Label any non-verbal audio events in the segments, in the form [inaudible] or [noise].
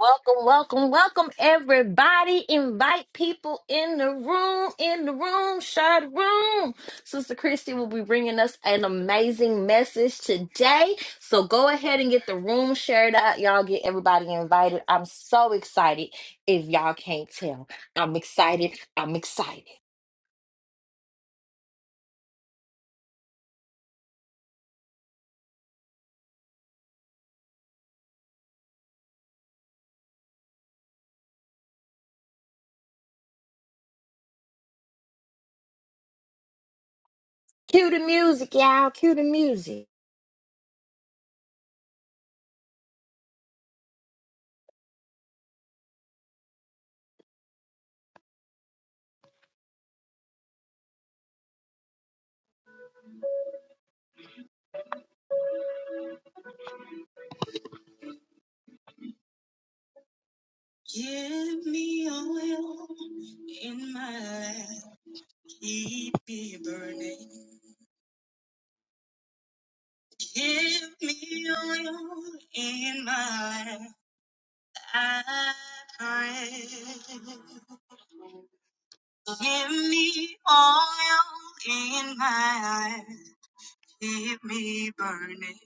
Welcome, welcome, welcome, everybody. Invite people in the room, in the room, shut room. Sister Christy will be bringing us an amazing message today. So go ahead and get the room shared out. Y'all get everybody invited. I'm so excited. If y'all can't tell, I'm excited. I'm excited. Cue the music, y'all. Cue the music. Give me oil in my lamp, keep me burning. Give me oil in my lamp, I pray. Give me oil in my lamp, keep me burning.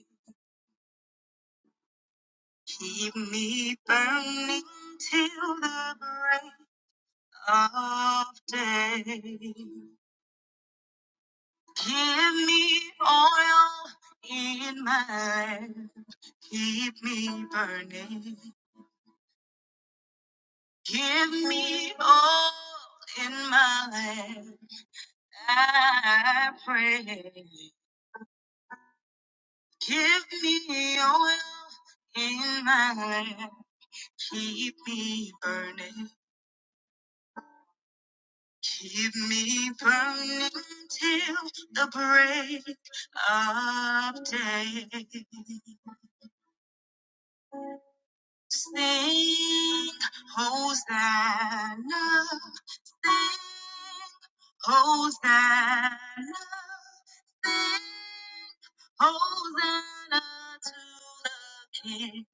Keep me burning till the break of day. Give me oil in my, keep me burning. Give me oil in my lamp. I pray. Give me oil in my lamp. Keep me burning. Keep me burning till the break of day. Sing Hosanna, sing Hosanna, sing Hosanna to the King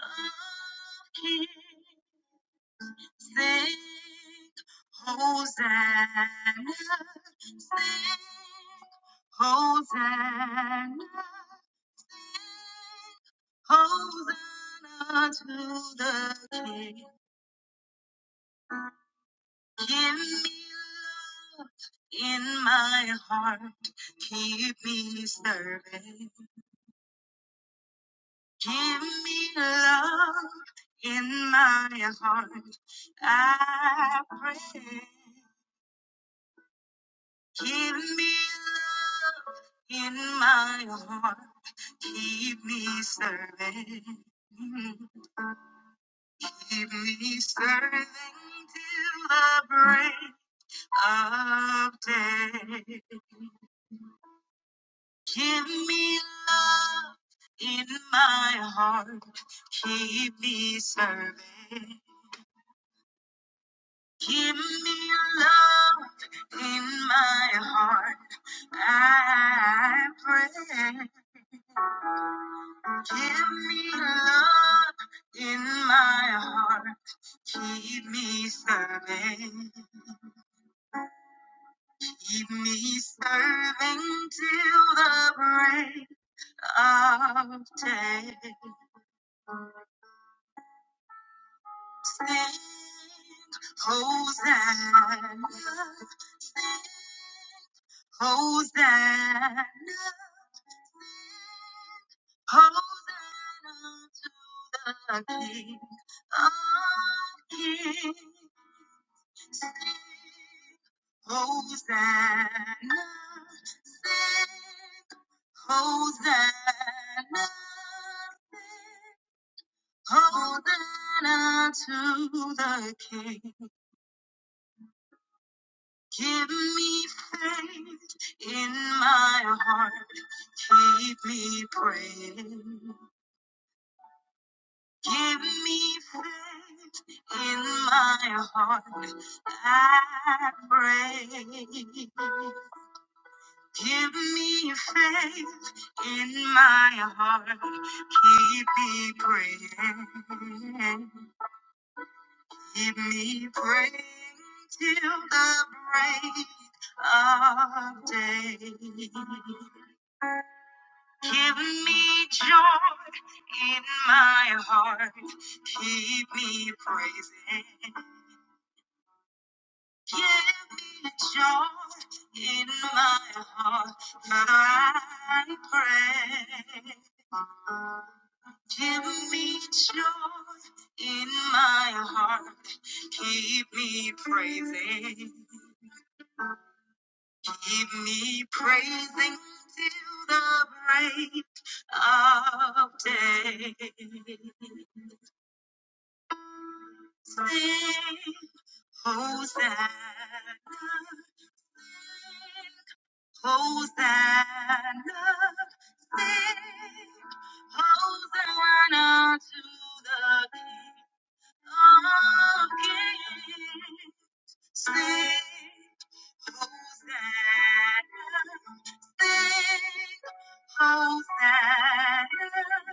of Kings. Sing Hosanna, sing Hosanna, sing Hosanna to the King. Give me love in my heart, keep me serving. Give me love in my heart, I pray. Give me love in my heart. Keep me serving. Keep me serving till the break of day. Give me love in my heart. Keep me serving. Give me love in my heart. I pray. Give me love in my heart. Keep me serving. Keep me serving till the break of day. Sing Hosanna. Sing Hosanna. sing Hosanna to the King of Kings. Hosanna, sing Hosanna, sing Hosanna to the King. Give me faith in my heart. Keep me praying. Give me faith in my heart. I pray. Give me faith in my heart. Keep me praying. Keep me praying till the break of day. Give me joy in my heart. Keep me praising. Give me a joy in my heart, Father, I pray. Give me joy in my heart, keep me praising, keep me praising till the break of day. Sing Hosanna. Hosanna, sing. Hosanna to the King of Kings. Sing. Hosanna, sing. Hosanna,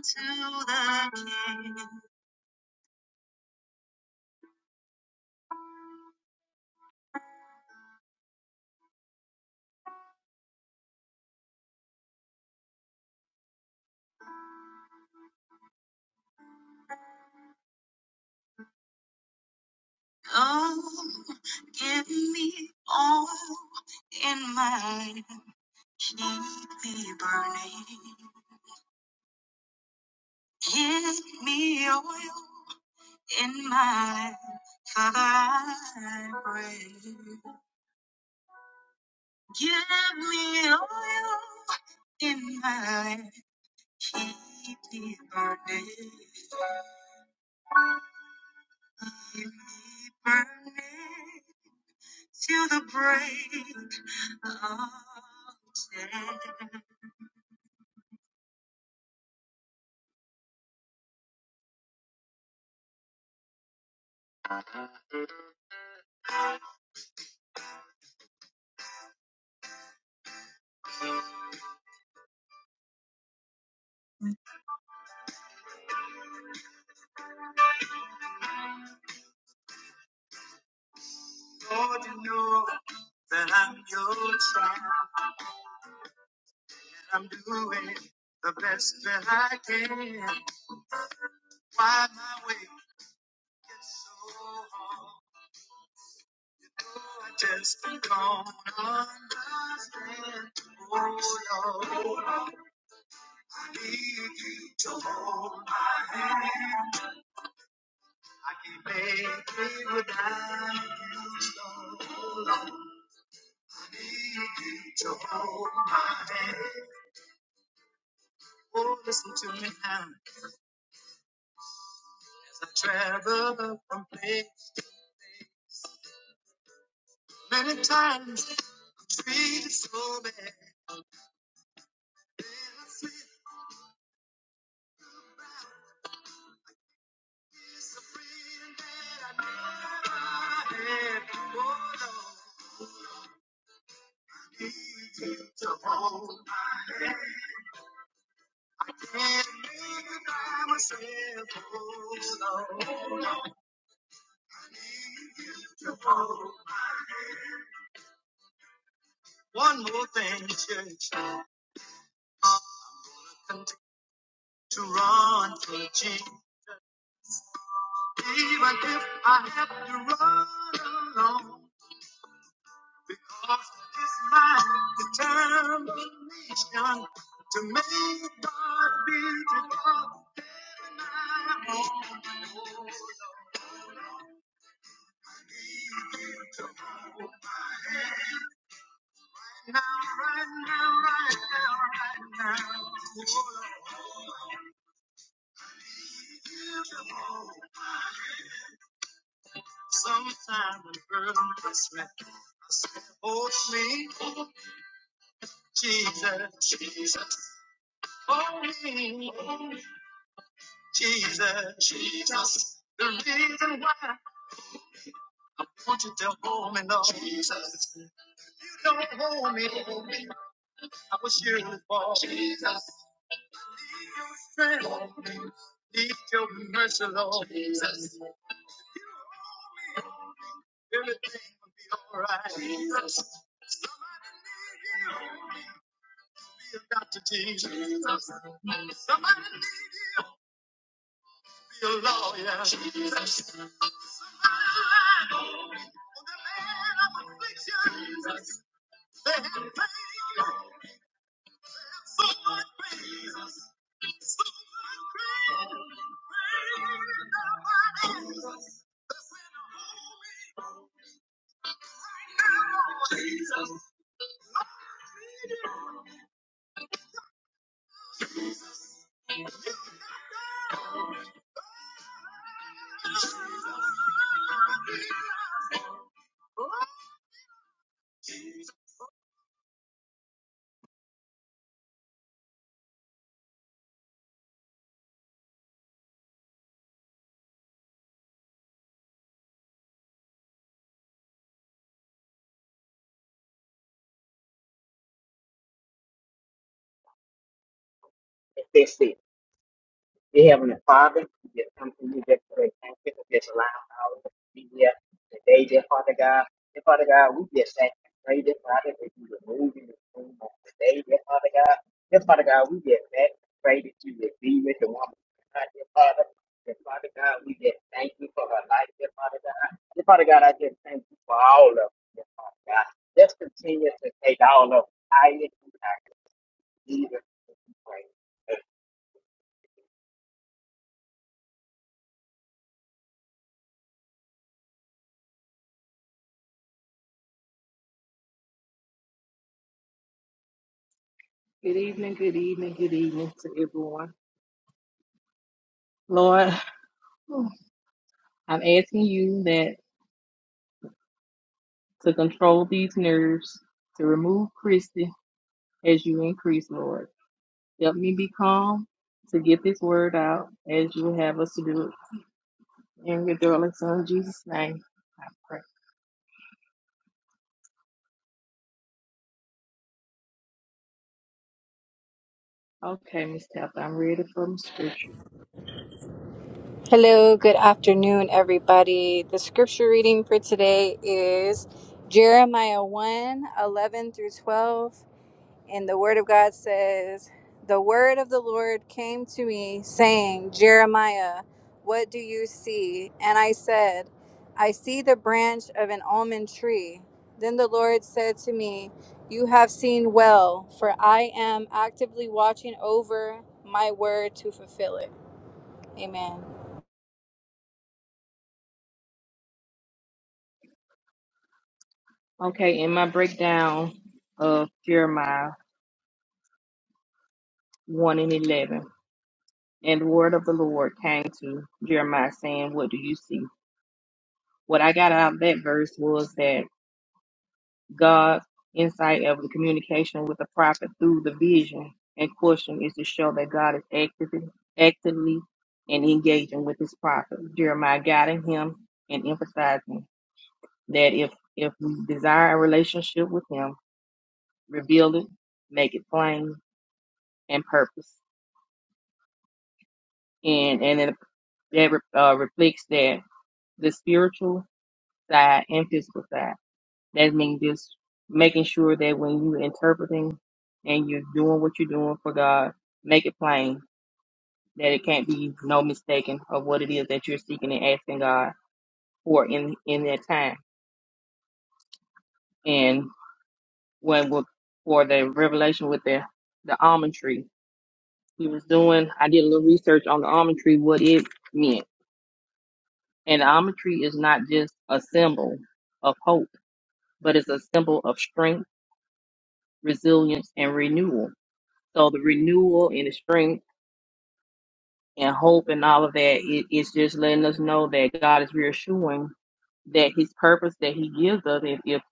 sing. Hosanna to the King. Oh, give me all in my life. Keep me burning. Give me oil in my Father, I pray. Give me oil in my life. Keep me burning. Keep me burning till the break of day. Lord, you know that I'm your child. I'm doing the best that I can. Why my way gets so hard? Oh, I just don't understand. Oh Lord, I need you to hold my hand. I can't make it without you. I Need you to hold my hand. Oh, listen to me now as I travel from place many times treated so bad. One more thing, church, continue to run for Jesus, even if I have to run alone. Because it is my determination to make God beautiful. Oh, Now, right now, right now, right now. Beautiful. Sometime a girl must let me. I said, hold me, Jesus, Jesus, hold me, hold me. Jesus, Jesus, the reason why Won't you tell hold me, Lord. Jesus, you don't hold me. I wish you would fall. Jesus, need your strength, need your mercy, Lord. Jesus, everything will be alright. Jesus, somebody need you. be a doctor, Jesus. Jesus, somebody need you. Be a lawyer. Jesus, They have If they say, Dear Heavenly Father, we just come to you just today. Thank you for this allowing all of us to be here today, dear Father God. Dear Father God, we just thank and pray, dear Father, that you were moving this room on today, dear Father God. Dear Father God, we just thank and pray that you would be with the woman, God, dear Father. Dear Father God, we just thank you for her life, dear Father God. Dear Father God, I just thank you for all of us, dear Father God. Just continue to take all of us higher and higher. Jesus, we pray. Good evening, good evening, good evening to everyone. Lord, I'm asking you that to control these nerves, to remove Christy as you increase, Lord. Help me be calm to get this word out as you have us to do it. In your darling son Jesus' name, I pray. Okay, Miss Tabitha, I'm ready for the scripture. Hello, good afternoon, everybody. The scripture reading for today is Jeremiah one 11 through 12. And the word of God says, The word of the Lord came to me, saying, Jeremiah, what do you see? And I said, I see the branch of an almond tree. Then the Lord said to me, You have seen well, for I am actively watching over my word to fulfill it. Amen. Okay, in my breakdown of Jeremiah 1 and 11, and the word of the Lord came to Jeremiah saying, What do you see? What I got out of that verse was that God's insight of the communication with the prophet through the vision and question is to show that God is actively, actively and engaging with his prophet. Jeremiah guiding him and emphasizing that if if we desire a relationship with him, reveal it, make it plain and purpose. And and it, that uh, reflects that the spiritual side and physical side. That means just making sure that when you're interpreting and you're doing what you're doing for God, make it plain that it can't be no mistaking of what it is that you're seeking and asking God for in in that time. And when with, for the revelation with the the almond tree, he was doing. I did a little research on the almond tree, what it meant. And the almond tree is not just a symbol of hope, but it's a symbol of strength, resilience, and renewal. So the renewal and the strength and hope and all of that. It, it's just letting us know that God is reassuring that His purpose that He gives us, if, if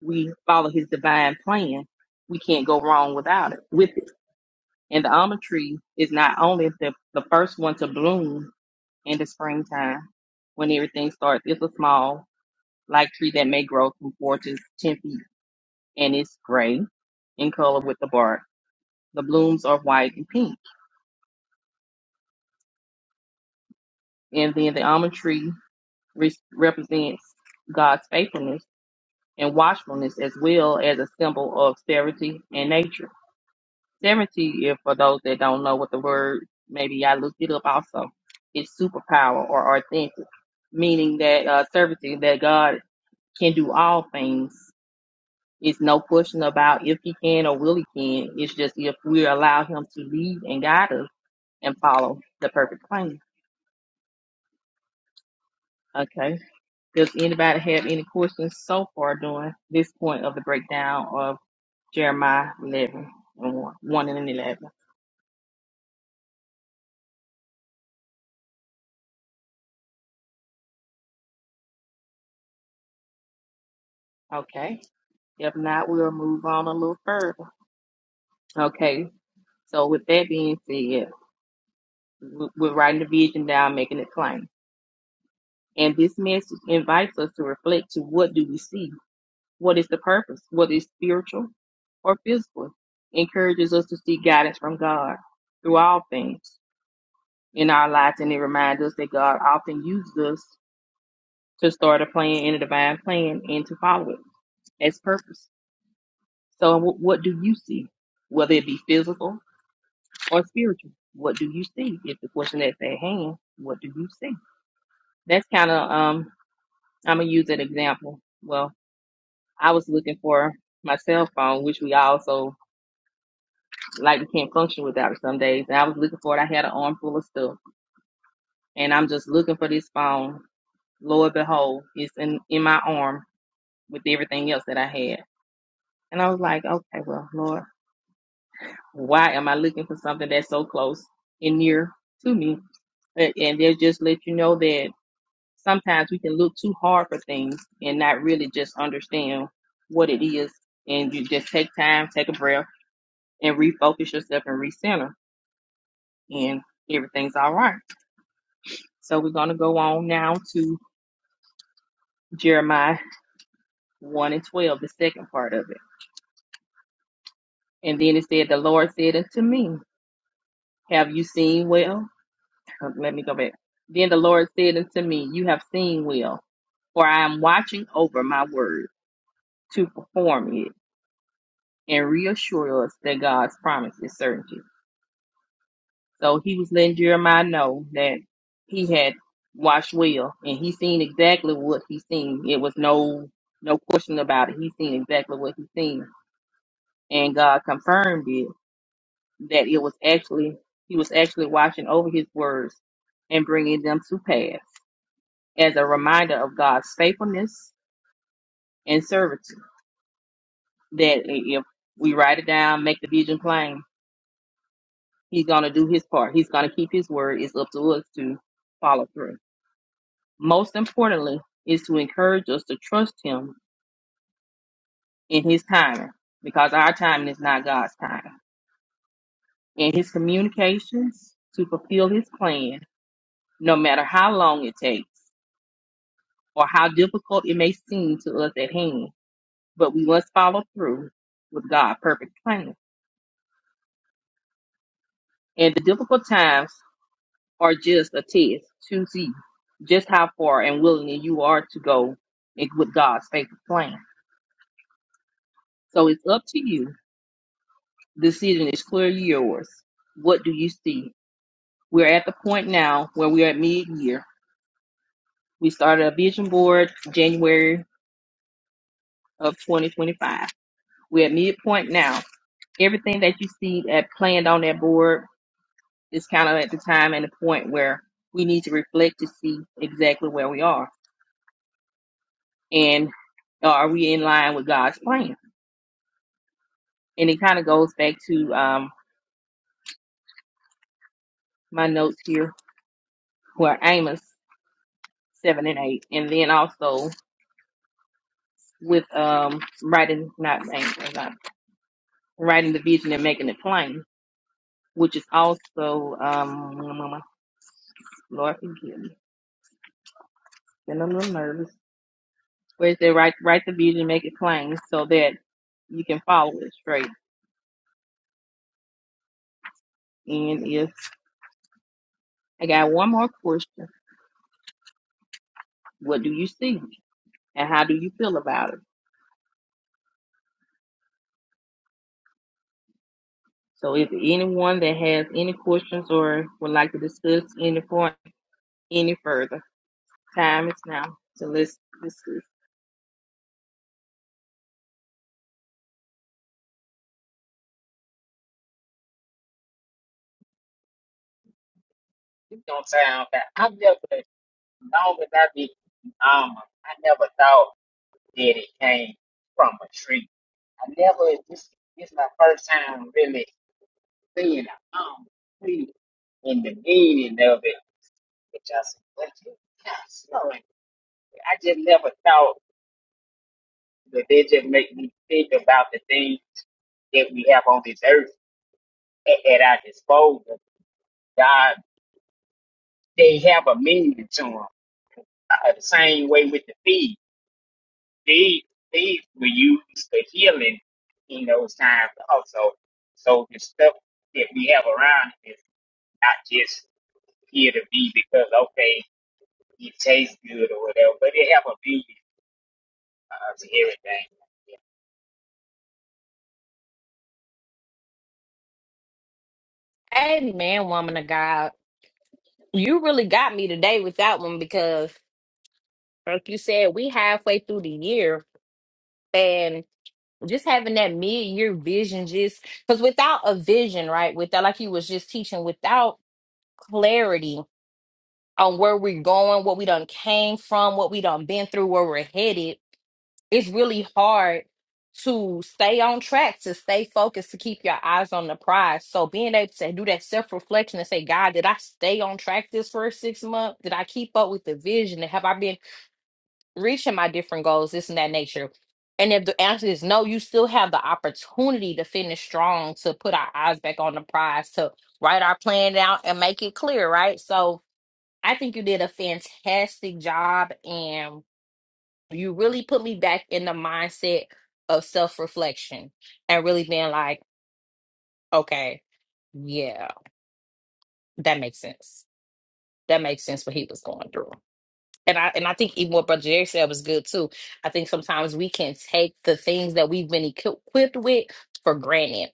we follow His divine plan, we can't go wrong without it. With it, and the almond tree is not only the the first one to bloom in the springtime when everything starts. It's a small like tree that may grow from four to ten feet, and it's gray in color with the bark. The blooms are white and pink, and then the almond tree re- represents God's faithfulness and watchfulness as well as a symbol of severity and nature. Severity, if for those that don't know what the word, maybe I looked it up also, is superpower or authentic, meaning that uh, severity, that God can do all things. It's no question about if he can or will he can. It's just if we allow him to lead and guide us and follow the perfect plan. Okay. Does anybody have any questions so far during this point of the breakdown of? Jeremiah 11 and 1 1 and 11. Okay. If not, we'll move on a little further. Okay. So, with that being said, we- we're writing the vision down, making it plain. And this message invites us to reflect to what do we see? What is the purpose? What is spiritual or physical? Encourages us to seek guidance from God through all things in our lives. And it reminds us that God often uses us to start a plan in a divine plan and to follow it as purpose. So, wh- what do you see, whether it be physical or spiritual? What do you see? If the question is at hand, what do you see? That's kind of um. I'm gonna use an example. Well, I was looking for my cell phone, which we also like we can't function without it some days. And I was looking for it. I had an arm full of stuff, and I'm just looking for this phone. Lo and behold, it's in in my arm with everything else that I had. And I was like, okay, well, Lord. Why am I looking for something that's so close and near to me? But- And they'll just let you know that sometimes we can look too hard for things and not really just understand what it is. And you just take time, take a breath, and refocus yourself and recenter, and everything's all right. So we're going to go on now to Jeremiah 1 and 12, the second part of it. And then it said, The Lord said unto me, Have you seen well? Uh, Let me go back. Then the Lord said unto me, You have seen well, for I am watching over my word to perform it and reassure us that God's promise is certainty. So he was letting Jeremiah know that he had watched well and he seen exactly what he seen. It was no no question about it. He seen exactly what he seen. And God confirmed it that it was actually he was actually watching over his words and bringing them to pass. as a reminder of God's faithfulness and servitude. That if we write it down, make the vision plain, He's going to do His part. He's going to keep His word. It's up to us to follow through. Most importantly, is to encourage us to trust Him in His timing because our timing is not God's timing. In His communications to fulfill His plan, no matter how long it takes or how difficult it may seem to us at hand, but we must follow through with God's perfect plan And the difficult times are just a test to see just how far and willing you are to go in- with God's faithful plan. So it's up to you. Decision is clearly yours. What do you see? We're at the point now where we're at mid year. We started a vision board January of 2025. We're at midpoint now. Everything that you see that planned on that board is kind of at the time and the point where we need to reflect to see exactly where we are and uh, are we in line with God's plan? And it kind of goes back to um, my notes here where Amos seven and eight, and then also with um, writing not Amos, not writing the vision and making it plain, which is also um, Lord forgive me, been a little nervous. Where it said write write the vision, make it plain, so that you can follow it straight. And if I got one more question, what do you see, and how do you feel about it? So if anyone that has any questions or would like to discuss any point any further, time is now. So let's discuss. You know what I'm saying? That I never, as long as I be um, I never thought that it came from a tree. I never. This this my first time really seeing a um tree and the meaning of it. Which I said, what you got snowing? I just never thought that they just make me think about the things that we have on this earth at, at our disposal. God, they have a meaning to them. Uh, the same way with the feed. they they will use the healing in those times also. So the stuff that we have around is not just here to be because okay it tastes good or whatever, but it have a meaning uh, to everything. Amen, woman of God. You really got me today with that one because, like you said, we halfway through the year and just having that mid-year vision just because without a vision right without like you was just teaching without clarity on where we're going what we done came from what we done been through where we're headed it's really hard to stay on track to stay focused to keep your eyes on the prize so being able to do that self-reflection and say god did i stay on track this first six months did i keep up with the vision And have i been reaching my different goals, this and that nature. And if the answer is no, you still have the opportunity to finish strong, to put our eyes back on the prize, to write our plan out and make it clear, right? So I think you did a fantastic job and you really put me back in the mindset of self reflection and really being like, okay, yeah, that makes sense. That makes sense what he was going through. and I and I think even what Brother Jerry said was good too. I think sometimes we can take the things that we've been equi- equipped with for granted.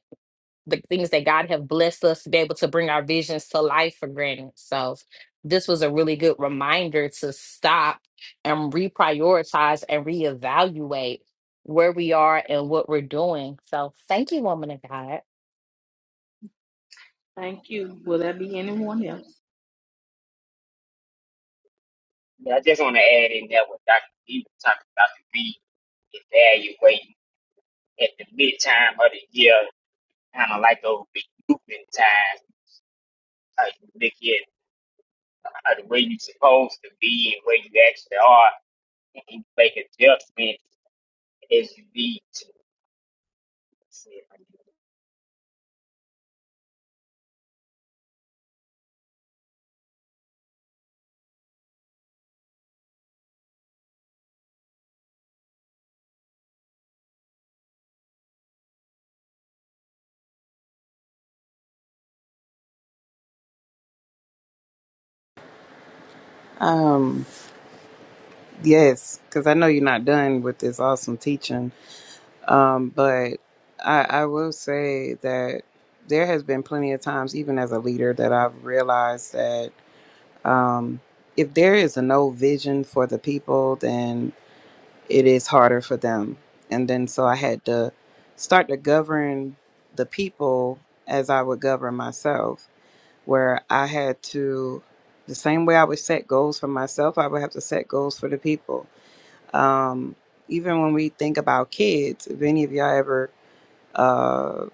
The things that God have blessed us to be able to bring our visions to life for granted. So this was a really good reminder to stop and reprioritize and reevaluate where we are and what we're doing. So thank you, woman of God. Thank you. Will there be anyone else? Yeah, I just want to add in there what Dr. B was talking about to be evaluating at the mid time of the year, kind of like those recouping times. Uh, you look at uh, the way you're supposed to be and where you actually are, and you make adjustments It's the Um, yes, because I know you're not done with this awesome teaching. Um, but I, I will say that there has been plenty of times, even as a leader, that I've realized that um, if there is a no vision for the people, then it is harder for them. And then so I had to start to govern the people as I would govern myself, where I had to, the same way I would set goals for myself, I would have to set goals for the people um, even when we think about kids, if any of y'all ever uh,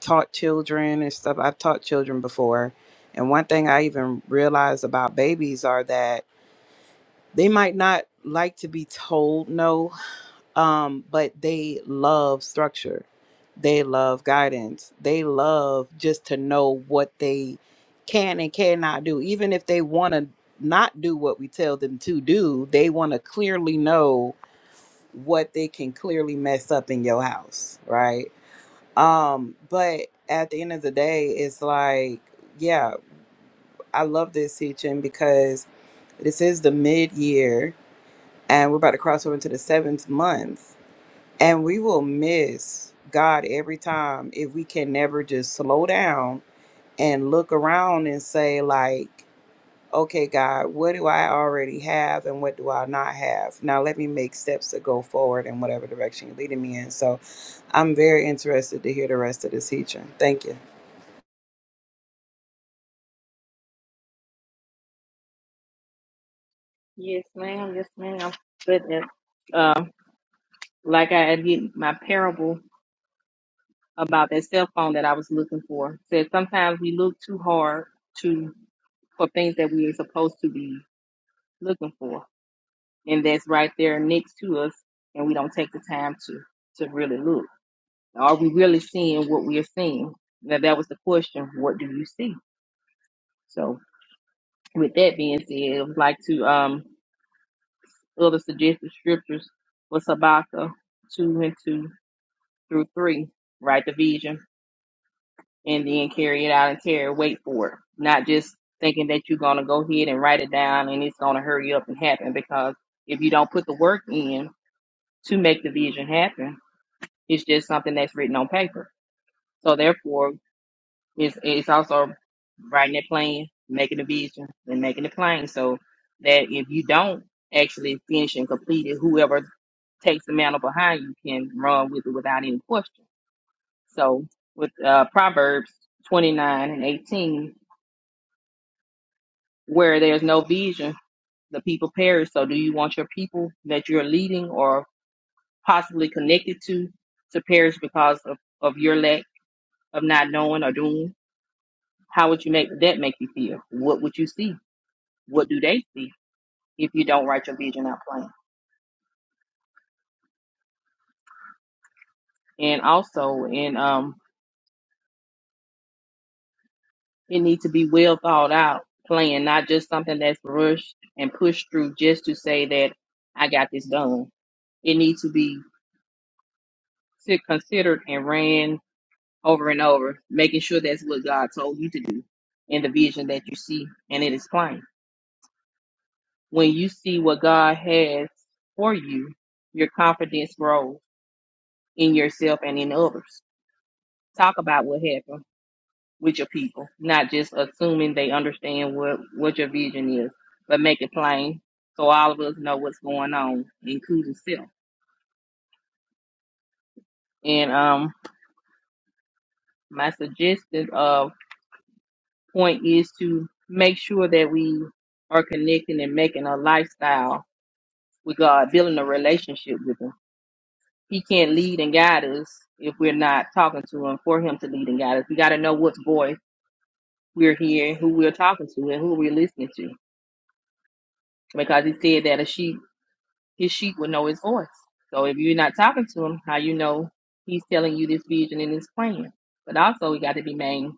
taught children and stuff, I've taught children before. And one thing I even realized about babies are that they might not like to be told no, um, but they love structure. They love guidance. They love just to know what they can and cannot do. Even if they want to not do what we tell them to do, they want to clearly know what they can clearly mess up in your house, right? Um, but at the end of the day, it's like, yeah, I love this teaching because this is the mid year and we're about to cross over into the seventh month, and we will miss God every time if we can never just slow down and look around and say, like, okay, God, what do I already have and what do I not have? Now let me make steps to go forward in whatever direction you're leading me in. So I'm very interested to hear the rest of this teaching. Thank you. Yes, ma'am. Yes, ma'am. But uh, uh, like I did my parable about that cell phone that I was looking for said sometimes we look too hard to for things that we are supposed to be looking for, and that's right there next to us, and we don't take the time to to really look. Are we really seeing what we are seeing? Now that was the question. What do you see? So with that being said, I would like to um other suggested scriptures for Sabaka two and two through three. Write the vision and then carry it out in terror. Wait for it. Not just thinking that you're gonna go ahead and write it down and it's gonna hurry up and happen because if you don't put the work in to make the vision happen, it's just something that's written on paper. So therefore It's it's also writing that plan, making the vision, and making the plan. So that if you don't actually finish and complete it, whoever takes the mantle behind you can run with it without any question. So with uh, Proverbs twenty nine and eighteen, where there's no vision, the people perish. So do you want your people that you're leading or possibly connected to to perish because of, of your lack of not knowing or doing? How would you make that make you feel? What would you see? what do they see if you don't write your vision out plain? And also, and um, it needs to be well thought out plan, not just something that's rushed and pushed through just to say that I got this done. It needs to be si- considered and ran over and over, making sure that's what God told you to do in the vision that you see, and it is plain. When you see what God has for you, your confidence grows in yourself and in others. Talk about what happened with your people, not just assuming they understand what what your vision is, but make it plain so all of us know what's going on, including self. And um, my suggested uh point is to make sure that we are connecting and making a lifestyle with God, building a relationship with Him. He can't lead and guide us if we're not talking to Him for Him to lead and guide us. We got to know what voice we're hearing, who we're talking to, and who we're listening to because he said that a sheep his sheep will know his voice. So if you're not talking to him, how you know he's telling you this vision and his plan? But also, we got to be made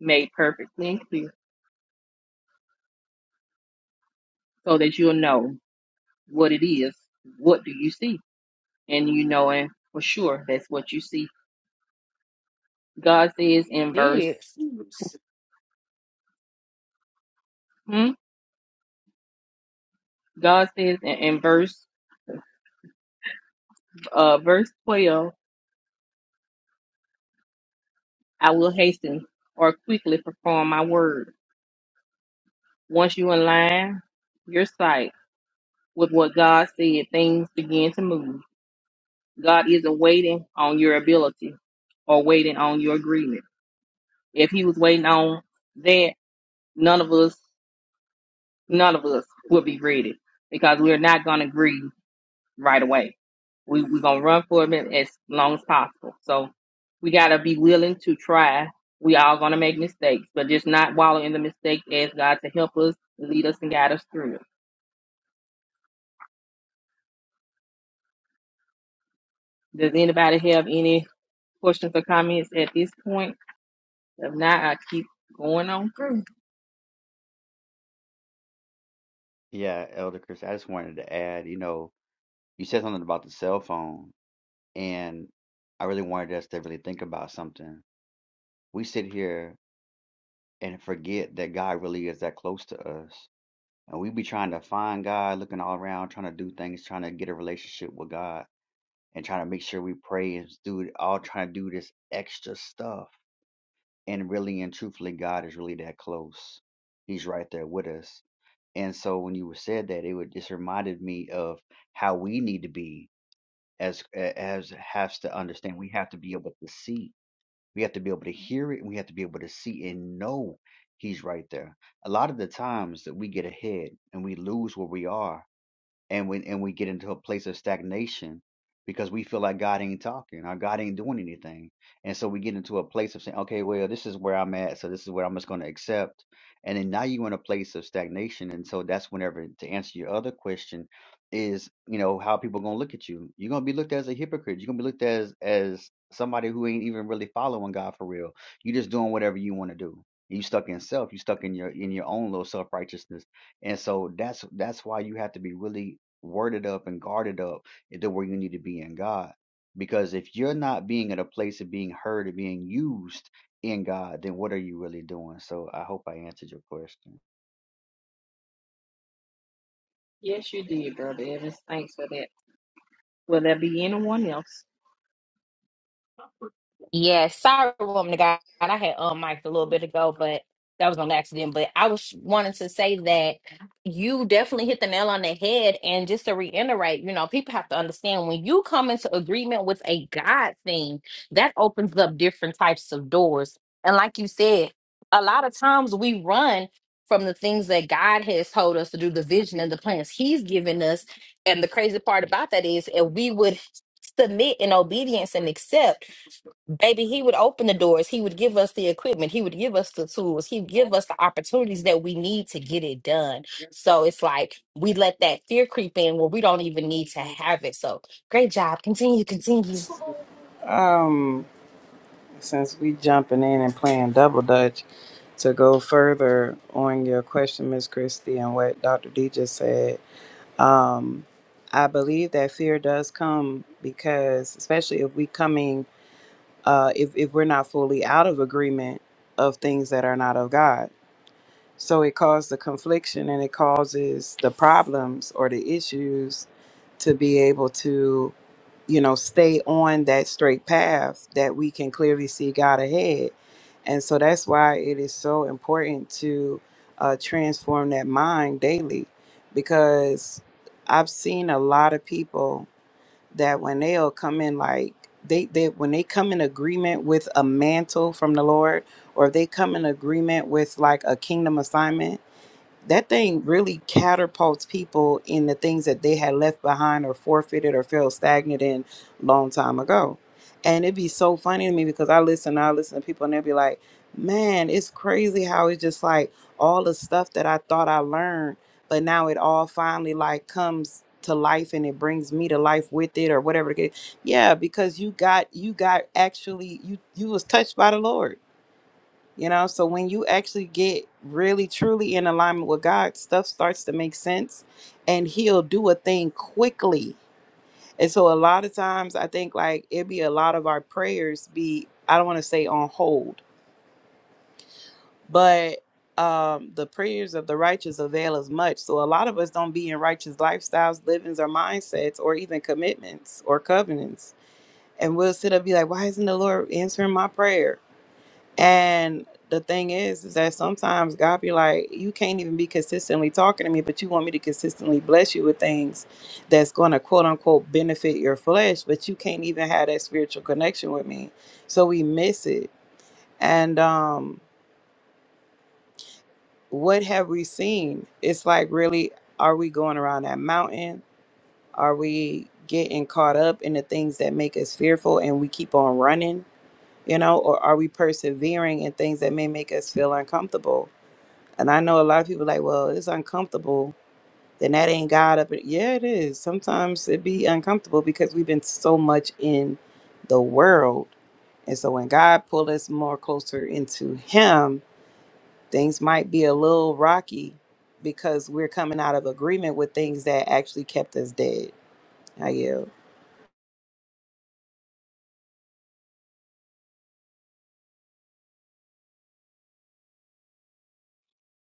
made perfectly and clear so that you'll know what it is. What do you see? And you knowing for sure that's what you see. God says in verse, hmm? God says in, in verse, uh, verse twelve, I will hasten or quickly perform my word. Once you align your sight with what God said, things begin to move God isn't waiting on your ability or waiting on your agreement. If he was waiting on that, none of us, none of us would be ready because we're not going to agree right away. We, we're going to run for it as long as possible. So we got to be willing to try. We all going to make mistakes, but just not wallow in the mistake. Ask God to help us, lead us, and guide us through it. Does anybody have any questions or comments at this point? If not, I keep going on through. Yeah, Elder Chris, I just wanted to add, you know, you said something about the cell phone, and I really wanted us to really think about something. We sit here and forget that God really is that close to us. And we be trying to find God, looking all around, trying to do things, trying to get a relationship with God, and trying to make sure we pray and do all trying to do this extra stuff. And really and truthfully, God is really that close. He's right there with us. And so when you said that, it would just reminded me of how we need to be as as has to understand we have to be able to see we have to be able to hear it and we have to be able to see and know he's right there a lot of the times that we get ahead and we lose where we are and when and we get into a place of stagnation because we feel like God ain't talking or God ain't doing anything. And so we get into a place of saying, okay, well, this is where I'm at, so this is where I'm just going to accept. And then now you're in a place of stagnation. And so that's whenever to answer your other question is, you know, how people going to look at you. You're going to be looked at as a hypocrite. You're going to be looked at as, as somebody who ain't even really following God for real. you are just doing whatever you want to do. You stuck in self, you stuck in your in your own little self righteousness. And so that's that's why you have to be really worded up and guarded up into where you need to be in God. Because if you're not being at a place of being heard and being used in God, then what are you really doing? So I hope I answered your question. Yes, you did, Brother Evans. Thanks for that. Will there be anyone else? Yes, sorry, woman of God. I had unmiked a little bit ago, but that was on accident. But I was wanting to say that you definitely hit the nail on the head. And just to reiterate, you know, people have to understand when you come into agreement with a God thing, that opens up different types of doors. And like you said, a lot of times we run from the things that God has told us to do, the vision and the plans He's given us. And the crazy part about that is, if we would submit in obedience and accept, Baby, he would open the doors. He would give us the equipment. He would give us the tools. He'd give us the opportunities that we need to get it done. So it's like we let that fear creep in where we don't even need to have it. So great job. Continue, continue. Um, since we jumping in and playing double dutch to go further on your question, Miss Christie, and what Dr. D just said, um, I believe that fear does come because, especially if we coming, uh, if if we're not fully out of agreement of things that are not of God So it caused the confliction and it causes the problems or the issues to be able to, you know, stay on that straight path that we can clearly see God ahead. And so that's why it is so important to uh, transform that mind daily because I've seen a lot of people that when they'll come in like they, they when they come in agreement with a mantle from the Lord, or if they come in agreement with like a kingdom assignment, that thing really catapults people in the things that they had left behind or forfeited or felt stagnant in long time ago. And it'd be so funny to me because I listen, I listen to people and they'll be like, man, it's crazy how it's just like all the stuff that I thought I learned, but now it all finally like comes to life and it brings me to life with it or whatever. the case." Yeah, because you got, you got actually, you, you was touched by the Lord you know, so when you actually get really truly in alignment with God, stuff starts to make sense and He'll do a thing quickly. And so a lot of times I think like it'd be a lot of our prayers be, I don't want to say on hold, but um the prayers of the righteous avail as much. So a lot of us don't be in righteous lifestyles, livings or mindsets or even commitments or covenants. And we'll sit up and be like, why isn't the Lord answering my prayer? And the thing is, is that sometimes God be like, you can't even be consistently talking to me, but you want me to consistently bless you with things that's going to quote unquote benefit your flesh, but you can't even have that spiritual connection with me. So we miss it. And um, what have we seen? It's like, really, are we going around that mountain? Are we getting caught up in the things that make us fearful and we keep on running, you know, or are we persevering in things that may make us feel uncomfortable? And I know a lot of people like, well, it's uncomfortable. Then that ain't God up. in-" Yeah, it is. Sometimes it be uncomfortable because we've been so much in the world. And so when God pulled us more closer into Him, things might be a little rocky because we're coming out of agreement with things that actually kept us dead. I yell.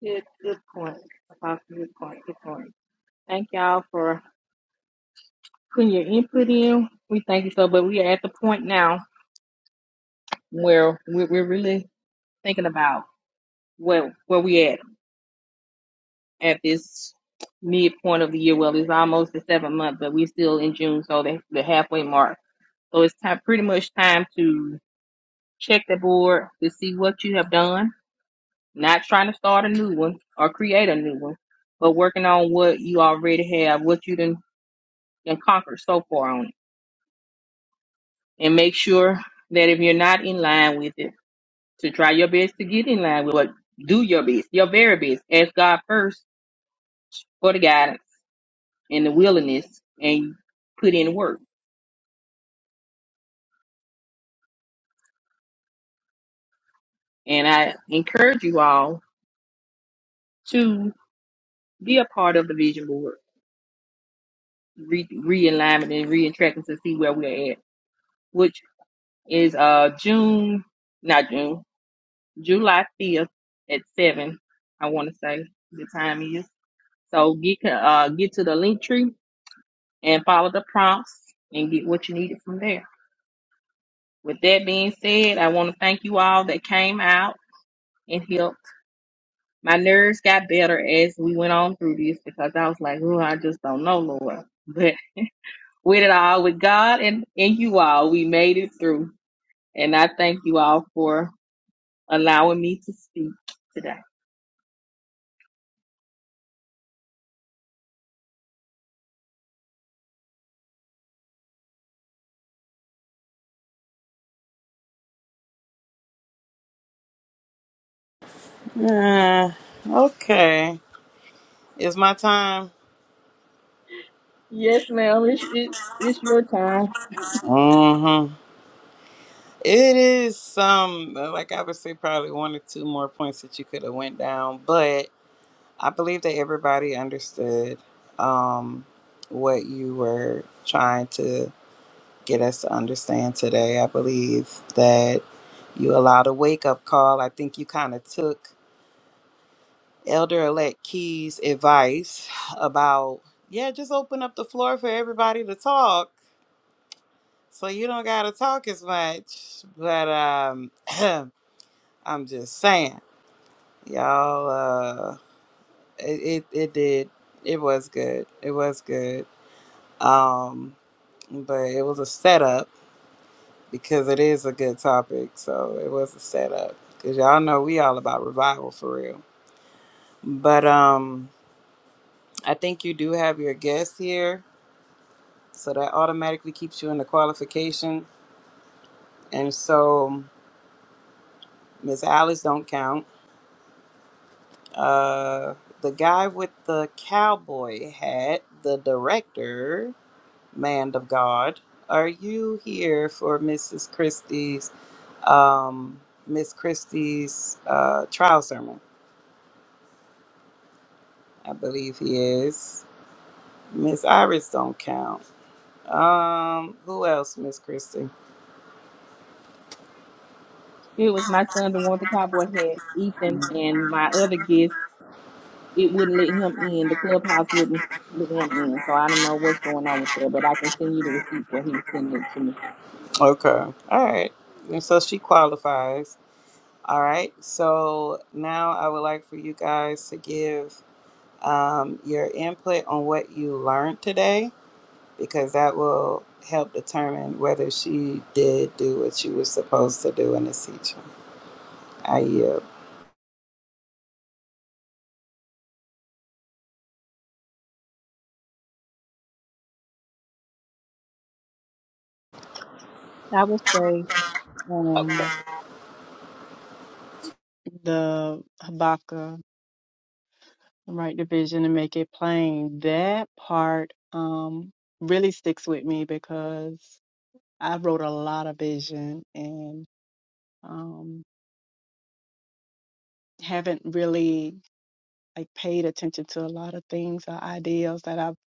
Good, good point. Apostle, good point, good point. Thank y'all for putting your input in. We thank you so, but we are at the point now where we're, we're really thinking about where, where we at at this midpoint of the year. Well, it's almost the seventh month, but we're still in June, so the, the halfway mark. So it's time, pretty much time to check the board to see what you have done not trying to start a new one or create a new one, but working on what you already have, what you done, done conquered so far on it. And make sure that if you're not in line with it, to try your best to get in line with it. Do your best, your very best. Ask God first for the guidance and the willingness and put in work. And I encourage you all to be a part of the vision board, re- realignment and re-tracking to see where we're at, which is uh June, not June. July 5th at 7, I want to say the time is. So get uh, get to the link tree and follow the prompts and get what you needed from there. With that being said, I want to thank you all that came out and helped. My nerves got better as we went on through this because I was like, oh, I just don't know, Lord. [laughs] But with it all, with God and, and you all, we made it through. And I thank you all for allowing me to speak today. Uh, okay. It's my time. Yes, ma'am. It's, it, it's your time. It is some like I would say probably one or two more points that you could have went down, but I believe that everybody understood um, what you were trying to get us to understand today. I believe that you allowed a wake up call. I think you kind of took Elder Elect Key's advice about yeah, just open up the floor for everybody to talk, so you don't gotta talk as much. But um, [clears throat] I'm just saying. y'all uh it, it it did it was good it was good um but it was a setup because it is a good topic so it was a setup because y'all know we all about revival for real but um i think you do have your guest here so that automatically keeps you in the qualification and so miss alice don't count uh the guy with the cowboy hat the director man of God. Are you here for Mrs. Christie's um, Miss Christie's uh, trial sermon? I believe he is. Miss Iris don't count. Um, who else, Miss Christie? It was my son, the one with the cowboy hat, Ethan, and my other guest. It wouldn't let him in. The clubhouse wouldn't let him in. So I don't know what's going on with that, but I can send you the receipt where he was sending it to me. Okay. All right. And so she qualifies. All right. So now I would like for you guys to give um, your input on what you learned today because that will help determine whether she did do what she was supposed to do in the teaching. I yield. I would say okay. um, the Habakkuk, right division, and make it plain. That part um, really sticks with me because I wrote a lot of vision and um, haven't really like paid attention to a lot of things or ideas that I've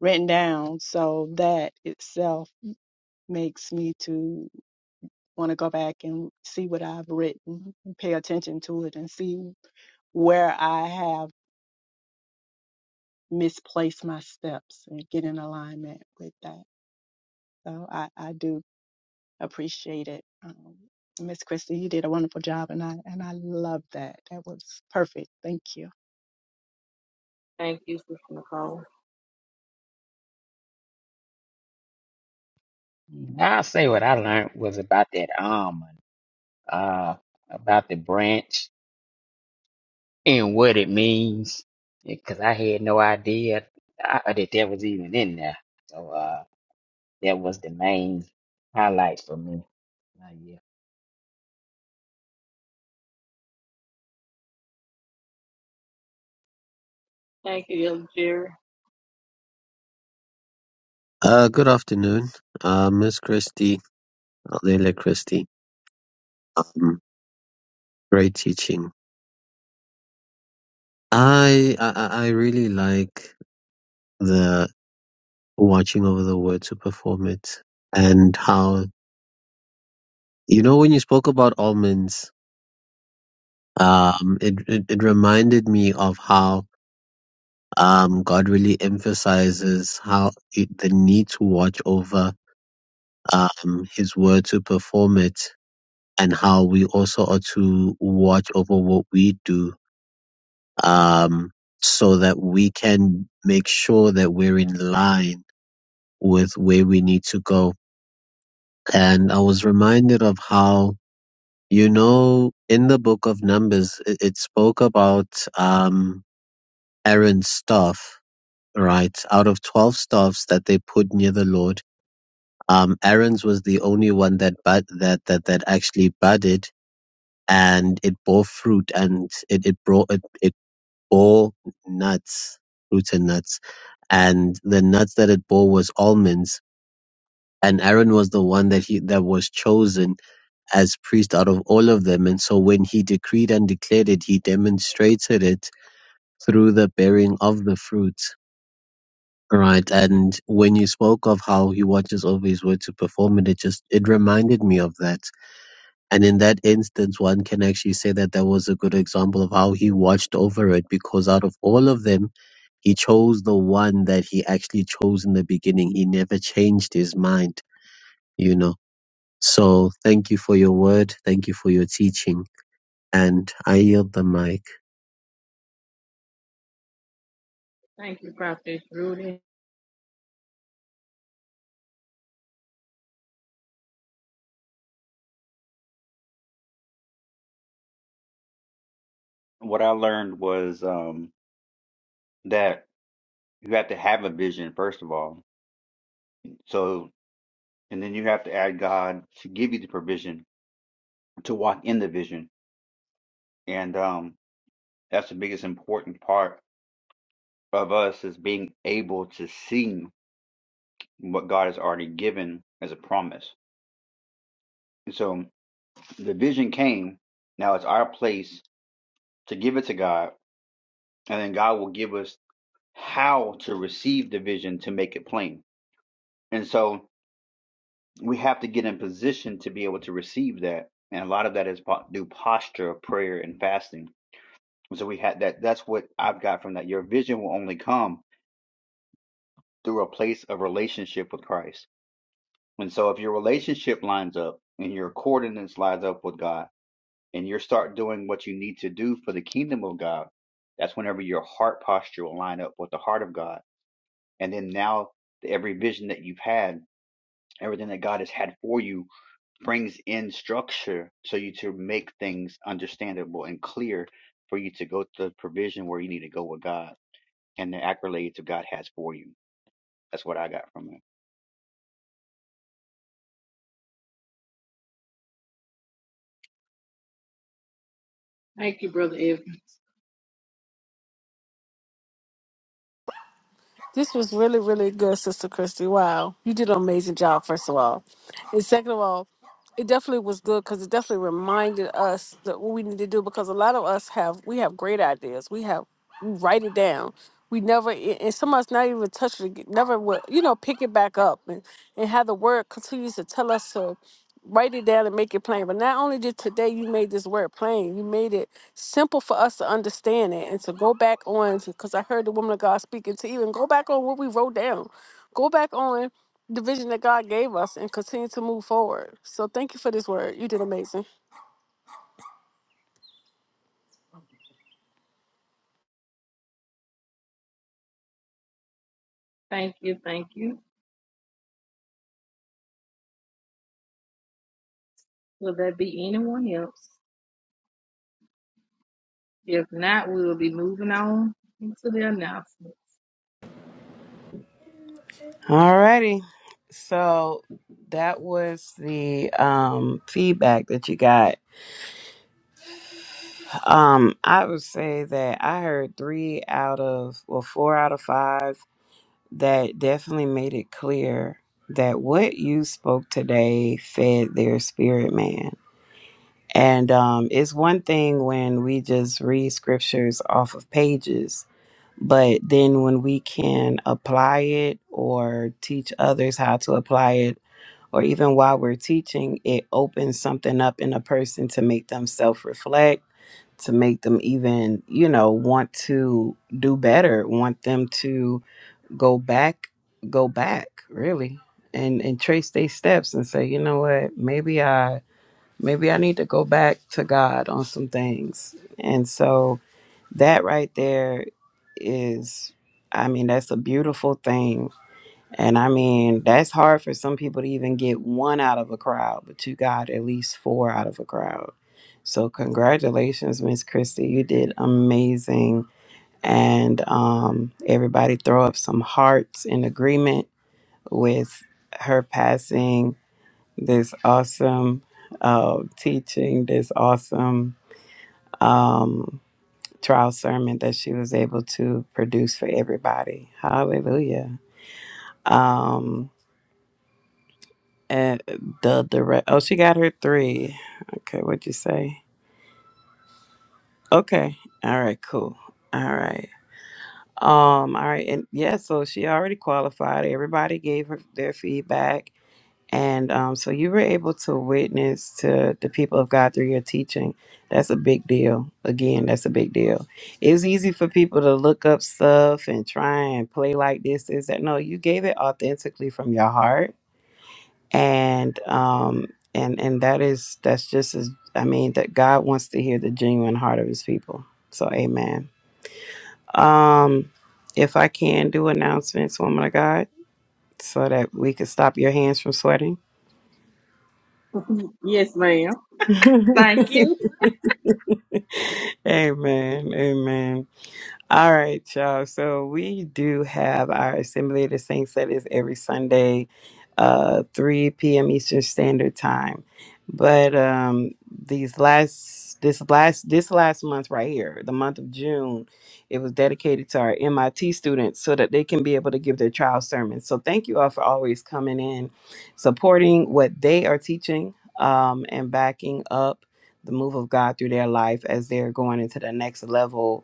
written down. So that itself makes me to want to go back and see what I've written and pay attention to it and see where I have misplaced my steps and get in alignment with that. So I, I do appreciate it. Um, Miss Christie, you did a wonderful job and I and I love that. That was perfect. Thank you. Thank you, Sister Nicole. Now I'll say what I learned was about that almond, uh, about the branch and what it means, because I had no idea uh, that that was even in there. So uh, that was the main highlight for me. Uh, yeah. Thank you, Elder Jerry. Uh, good afternoon, uh, Miss Christie, Leila Christie. Um, great teaching. I, I I really like the watching over the word to perform it, and how you know when you spoke about almonds, um, it it, it reminded me of how um God really emphasizes how it, the need to watch over um His word to perform it, and how we also are to watch over what we do um, so that we can make sure that we're in line with where we need to go. And I was reminded of how, you know, in the book of Numbers, it, it spoke about um, Aaron's staff, right? Out of 12 staffs that they put near the Lord, um, Aaron's was the only one that, bud, that, that, that actually budded and it bore fruit and it, it brought, it, it bore nuts, fruits and nuts, and the nuts that it bore was almonds. And Aaron was the one that he that was chosen as priest out of all of them. And so when he decreed and declared it, he demonstrated it through the bearing of the fruit. Right. And when you spoke of how he watches over his word to perform it, it just it reminded me of that. And in that instance, one can actually say that that was a good example of how he watched over it because out of all of them, He chose the one that he actually chose in the beginning. He never changed his mind, you know. So thank you for your word. Thank you for your teaching. And I yield the mic. Thank you, Prophet Rudy. What I learned was um, that you have to have a vision, first of all. So, and then you have to ask God to give you the provision to walk in the vision. And um, that's the biggest important part of us is being able to see what God has already given as a promise. And So The vision came. Now it's our place to give it to God, and then God will give us how to receive the vision to make it plain. And so we have to get in position to be able to receive that. And a lot of that is po- through posture of prayer and fasting. And so we had that. That's what I've got from that. Your vision will only come through a place of relationship with Christ. And so if your relationship lines up and your coordinates lines up with God and you start doing what you need to do for the kingdom of God, that's whenever your heart posture will line up with the heart of God. And then now every vision that you've had, everything that God has had for you brings in structure so you to make things understandable and clear for you to go to the provision where you need to go with God and the accolades that God has for you. That's what I got from it. Thank you, Brother Evan. This was really, really good, Sister Christy. Wow. You did an amazing job, first of all. And second of all, it definitely was good because it definitely reminded us that what we need to do because a lot of us have we have great ideas. We have we write it down. We never a- and some of us not even touch it, ag- never would you know pick it back up and, and how the word continues to tell us to write it down and make it plain. But not only did today you made this word plain, you made it simple for us to understand it and to go back on because I heard the woman of God speaking to even go back on what we wrote down. Go back on the vision that God gave us and continue to move forward. So thank you for this word. You did amazing. Thank you, thank you. Will there be anyone else? If not, we will be moving on into the announcement. Alrighty. So that was the um feedback that you got. Um I would say that I heard 3 out of well 4 out of 5 that definitely made it clear that what you spoke today fed their spirit man. And um, it's one thing when we just read scriptures off of pages, but then when we can apply it or teach others how to apply it, or even while we're teaching, it opens something up in a person to make them self reflect, to make them even, you know, want to do better, want them to go back, go back, really. And, and trace their steps and say, you know what, maybe I maybe I need to go back to God on some things. And so that right there is, I mean, that's a beautiful thing. And I mean, that's hard for some people to even get one out of a crowd, but you got at least four out of a crowd. So congratulations, Miss Christie. You did amazing. And um, everybody throw up some hearts in agreement with her passing this awesome uh, teaching, this awesome um, trial sermon that she was able to produce for everybody. Hallelujah. Um, and the direct, oh, she got her three. Okay, what'd you say? Okay, all right, cool. All right. Um, all right, and yeah, so she already qualified. Everybody gave her their feedback And um, so you were able to witness to the people of God through your teaching. That's a big deal. Again, that's a big deal. It's easy for people to look up stuff and try and play like this is that. No, you gave it authentically from your heart, and um, and and that is that's just as I mean that God wants to hear the genuine heart of His people. So, Amen. Um, if I can do announcements, woman of God, so that we could stop your hands from sweating. Yes, ma'am. [laughs] Thank you. Amen. Amen. All right, y'all. So we do have our Assembly of the Saints that is every Sunday, uh, 3 p.m. Eastern Standard Time. But um, these last this last this last month right here, the month of June, it was dedicated to our MIT students so that they can be able to give their trial sermons. So thank you all for always coming in, supporting what they are teaching, um, and backing up the move of God through their life as they're going into the next level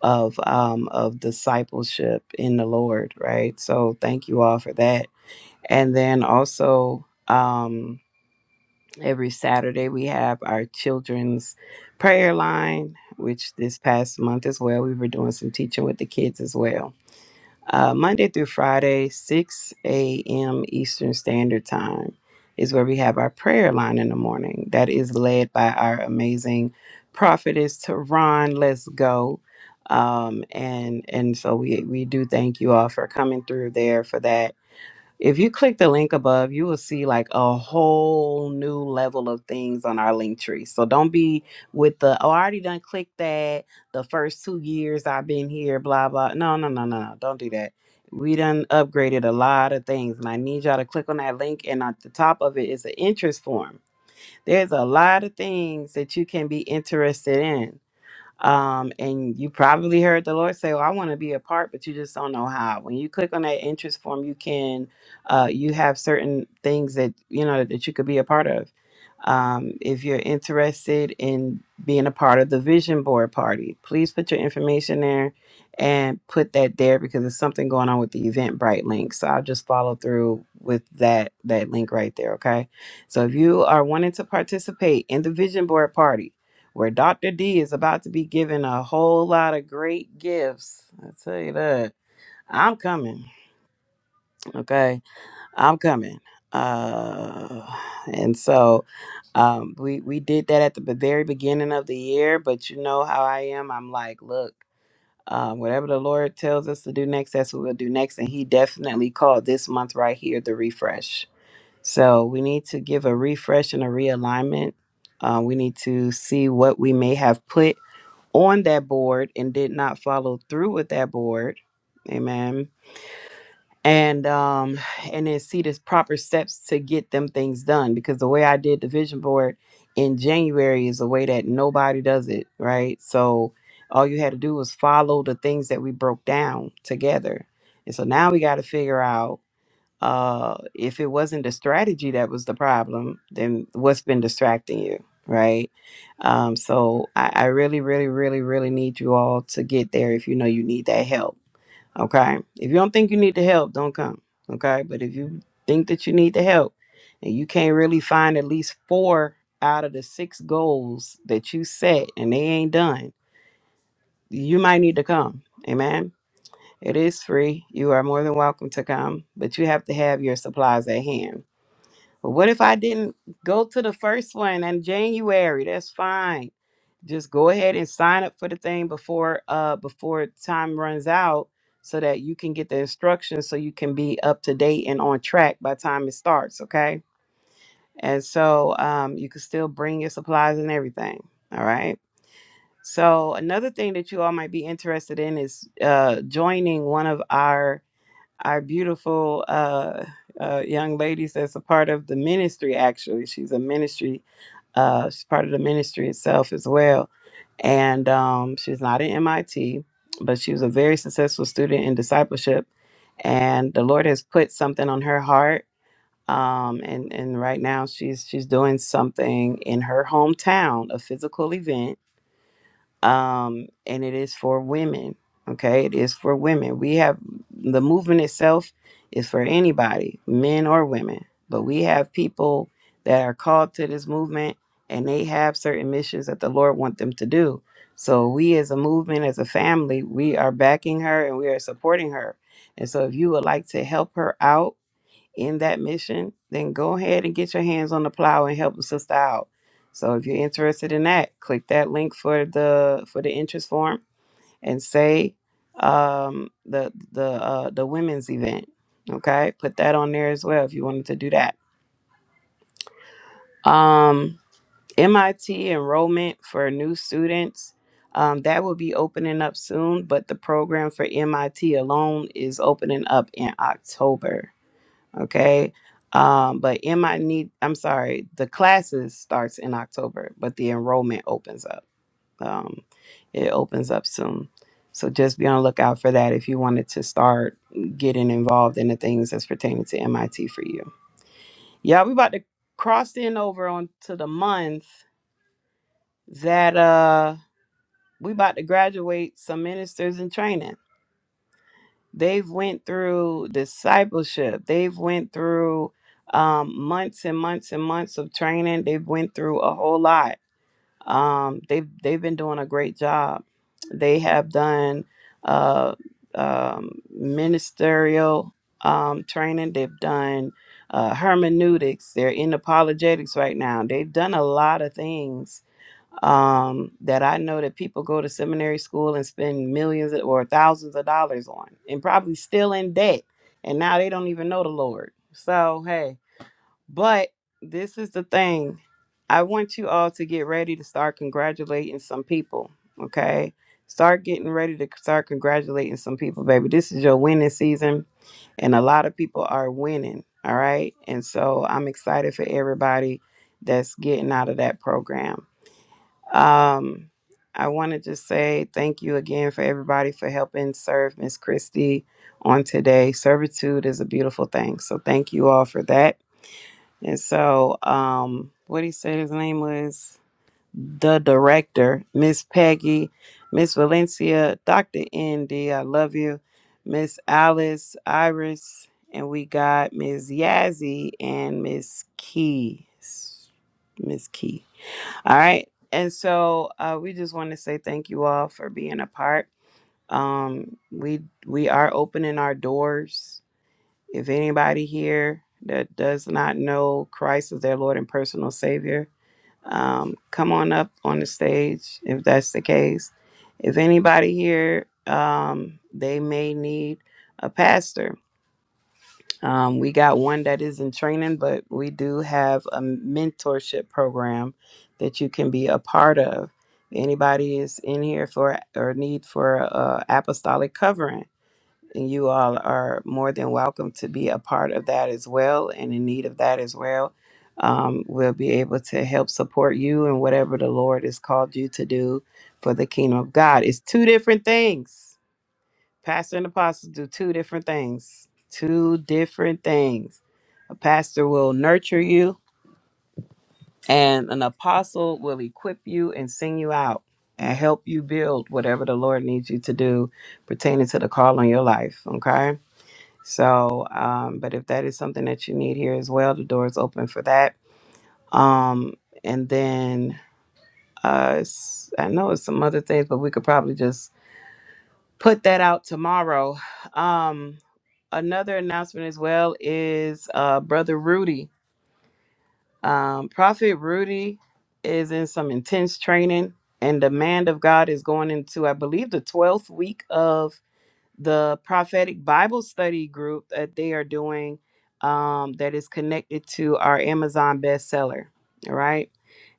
of um, of discipleship in the Lord, right? So thank you all for that. And then also um, every Saturday we have our children's prayer line, which this past month as well we were doing some teaching with the kids as well uh, Monday through Friday, 6 a.m. Eastern Standard Time is where we have our prayer line in the morning that is led by our amazing prophetess Tehran. Let's go. Um, and and so we, we do thank you all for coming through there for that if you click the link above, you will see like a whole new level of things on our link tree. So don't be with the oh, I already done clicked that the first two years I've been here, blah blah. No, no, no, no, no. Don't do that. We done upgraded a lot of things, and I need y'all to click on that link. And at the top of it is an interest form. There's a lot of things that you can be interested in. Um, and you probably heard the Lord say, "Well, I want to be a part," but you just don't know how. When you click on that interest form, you can, uh, you have certain things that you know that you could be a part of. Um, if you're interested in being a part of the vision board party, please put your information there and put that there because there's something going on with the Eventbrite link. So I'll just follow through with that that link right there. Okay. So if you are wanting to participate in the vision board party, where Dr. D is about to be given a whole lot of great gifts. I tell you that. I'm coming. Okay. I'm coming. Uh and so um we we did that at the be- very beginning of the year, but you know how I am. I'm like, look, um, whatever the Lord tells us to do next, that's what we'll do next. And he definitely called this month right here the refresh. So we need to give a refresh and a realignment. Uh, we need to see what we may have put on that board and did not follow through with that board amen and um and then see the proper steps to get them things done because the way i did the vision board in january is a way that nobody does it right so all you had to do was follow the things that we broke down together and so now we got to figure out uh, if it wasn't the strategy that was the problem, then what's been distracting you, right? Um, so I, I really, really, really, really need you all to get there if you know you need that help, okay? If you don't think you need the help, don't come, okay? But if you think that you need the help and you can't really find at least four out of the six goals that you set and they ain't done, you might need to come, amen? It is free. You are more than welcome to come, but you have to have your supplies at hand, but what if I didn't go to the first one in January? That's fine. Just go ahead and sign up for the thing before uh before time runs out so that you can get the instructions so you can be up to date and on track by time it starts, okay? And so um you can still bring your supplies and everything. All right. So another thing that you all might be interested in is uh joining one of our our beautiful uh, uh, young ladies that's a part of the ministry, actually. She's a ministry, uh, she's part of the ministry itself as well. And um, she's not at MIT, but she was a very successful student in discipleship. And the Lord has put something on her heart. Um, and, and right now she's she's doing something in her hometown, a physical event um, and it is for women. Okay, it is for women. We have the movement itself is for anybody, men or women. But we have people that are called to this movement, and they have certain missions that the Lord want them to do. So we, as a movement, as a family, we are backing her and we are supporting her. And so, if you would like to help her out in that mission, then go ahead and get your hands on the plow and help the sister out. So if you're interested in that, click that link for the for the interest form and say um, the the uh, the women's event. Okay, put that on there as well if you wanted to do that. Um, MIT enrollment for new students. Um, that will be opening up soon, but the program for MIT alone is opening up in October. okay um but in my need i'm sorry the classes starts in october but the enrollment opens up um it opens up soon so just be on the lookout for that if you wanted to start getting involved in the things that's pertaining to mit for you yeah we about to cross in over onto the month that uh we about to graduate some ministers in training they've went through discipleship they've went through um, months and months and months of training they've went through a whole lot um, they've they've been doing a great job they have done uh, um, ministerial um, training they've done uh, hermeneutics they're in apologetics right now they've done a lot of things um, that I know that people go to seminary school and spend millions or thousands of dollars on, and probably still in debt. And now they don't even know the Lord. So, hey, but this is the thing. I want you all to get ready to start congratulating some people, okay? Start getting ready to start congratulating some people, baby. This is your winning season, and a lot of people are winning, all right? And so I'm excited for everybody that's getting out of that program. Um, I want to just say thank you again for everybody for helping serve Miss Christie on today. Servitude is a beautiful thing. So thank you all for that. And so, um, what he said his name was the director, Miss Peggy, Miss Valencia, Dr. Indy, I love you, Miss Alice, Iris, and we got Miss Yazzie and Miss Key. Miss Key. All right. And so uh, we just want to say thank you all for being a part. Um, we we are opening our doors. If anybody here that does not know Christ as their Lord and personal Savior, um, come on up on the stage if that's the case. If anybody here, um, they may need a pastor um, we got one that is in training, but we do have a mentorship program that you can be a part of. Anybody is in here for or need for uh, apostolic covering, and you all are more than welcome to be a part of that as well, and in need of that as well. Um, we'll be able to help support you in whatever the Lord has called you to do for the kingdom of God. It's two different things Pastor and apostles do two different things. Two different things. A pastor will nurture you, and an apostle will equip you and sing you out and help you build whatever the Lord needs you to do pertaining to the call on your life. Okay. So, um, but if that is something that you need here as well, the door is open for that. Um, and then uh, s- I know it's some other things, but we could probably just put that out tomorrow. Um, another announcement as well is uh, Brother Rudy. Um, Prophet Rudy is in some intense training, and the man of God is going into, I believe, the 12th week of the prophetic Bible study group that they are doing um, that is connected to our Amazon bestseller. All right.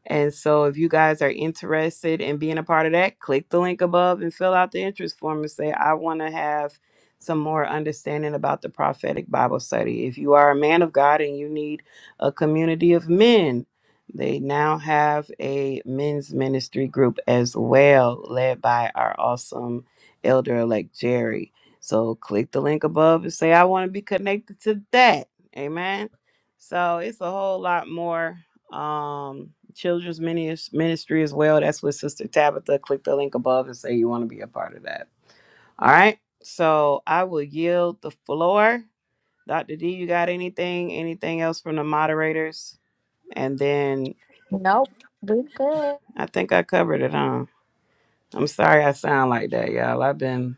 And so if you guys are interested in being a part of that, click the link above and fill out the interest form and say, I want to have some more understanding about the prophetic Bible study. If you are a man of God and you need a community of men, they now have a men's ministry group as well, led by our awesome Elder Elect Jerry. So click the link above and say, I want to be connected to that. Amen. So it's a whole lot more um children's minis- ministry as well. That's with Sister Tabitha. Click the link above and say you want to be a part of that. All right. So I will yield the floor. Dr. D, you got anything? Anything else from the moderators? And then Nope, we good. I think I covered it, huh? I'm sorry I sound like that, y'all. I've been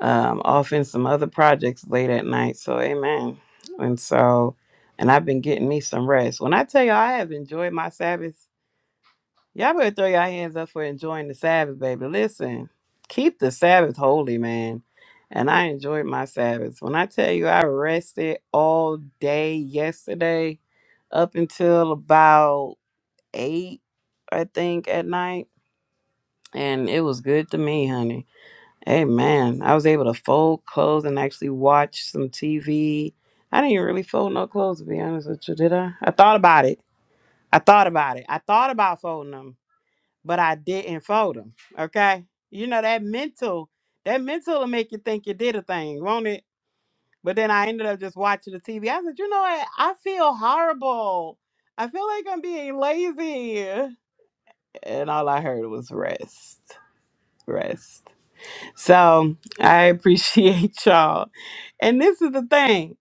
um, off in some other projects late at night. So, amen. And so, and I've been getting me some rest. When I tell you all I have enjoyed my Sabbath, y'all better throw your hands up for enjoying the Sabbath, baby. Listen, keep the Sabbath holy, man. And I enjoyed my Sabbath. When I tell you I rested all day yesterday up until about eight, I think, at night. And it was good to me, honey. Hey man, I was able to fold clothes and actually watch some TV. I didn't even really fold no clothes to be honest with you, did I? I thought about it. I thought about it. I thought about folding them, but I didn't fold them. Okay, you know that mental, that mental will make you think you did a thing, won't it? But then I ended up just watching the TV. I said, you know what? I feel horrible. I feel like I'm being lazy, and all I heard was rest, rest. So I appreciate [laughs] y'all. And this is the thing.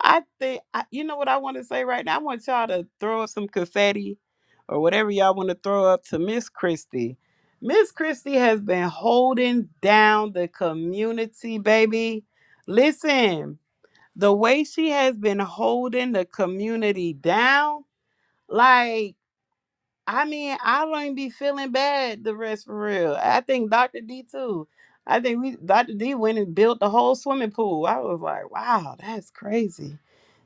I think I, you know what I want to say right now. I want y'all to throw up some confetti or whatever y'all want to throw up to Miss Christie. Miss Christie has been holding down the community, baby. Listen, the way she has been holding the community down, like. I mean, I don't be feeling bad the rest for real. I think Dr. D too. I think we Dr. D went and built the whole swimming pool. I was like, wow, that's crazy.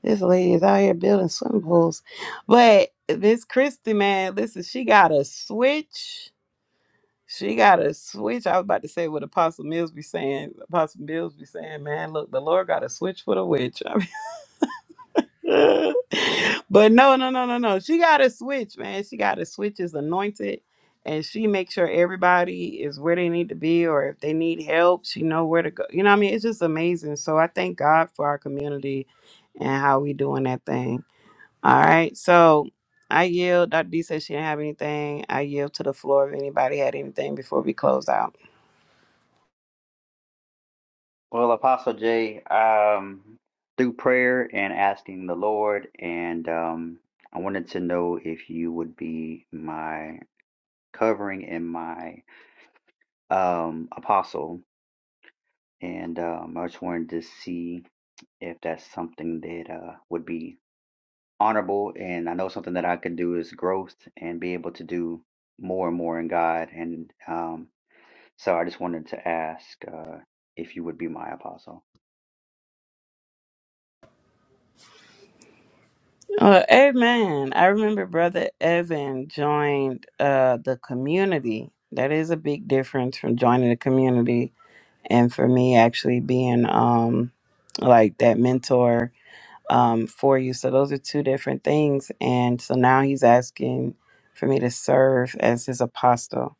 This lady is out here building swimming pools. But Miss Christie, man, listen, she got a switch. She got a switch. I was about to say what Apostle Mills be saying. Apostle Mills be saying, man, look, the Lord got a switch for the witch. [laughs] [laughs] but no, no, no, no, no. She got a switch, man. She got a switch is anointed, and she makes sure everybody is where they need to be, or if they need help, she know where to go. You know, what I mean, it's just amazing. So I thank God for our community and how we doing that thing. All right, so I yield. Dr. D said she didn't have anything. I yield to the floor if anybody had anything before we close out. Well, Apostle Jay, um, through prayer and asking the Lord, and um, I wanted to know if you would be my covering and my um, apostle. And um, I just wanted to see if that's something that uh, would be honorable. And I know something that I could do is growth and be able to do more and more in God. And um, so I just wanted to ask uh, if you would be my apostle. Oh, amen. I remember Brother Evan joined uh, the community. That is a big difference from joining the community. And for me, actually being um, like that mentor um, for you. So those are two different things. And so now he's asking for me to serve as his apostle.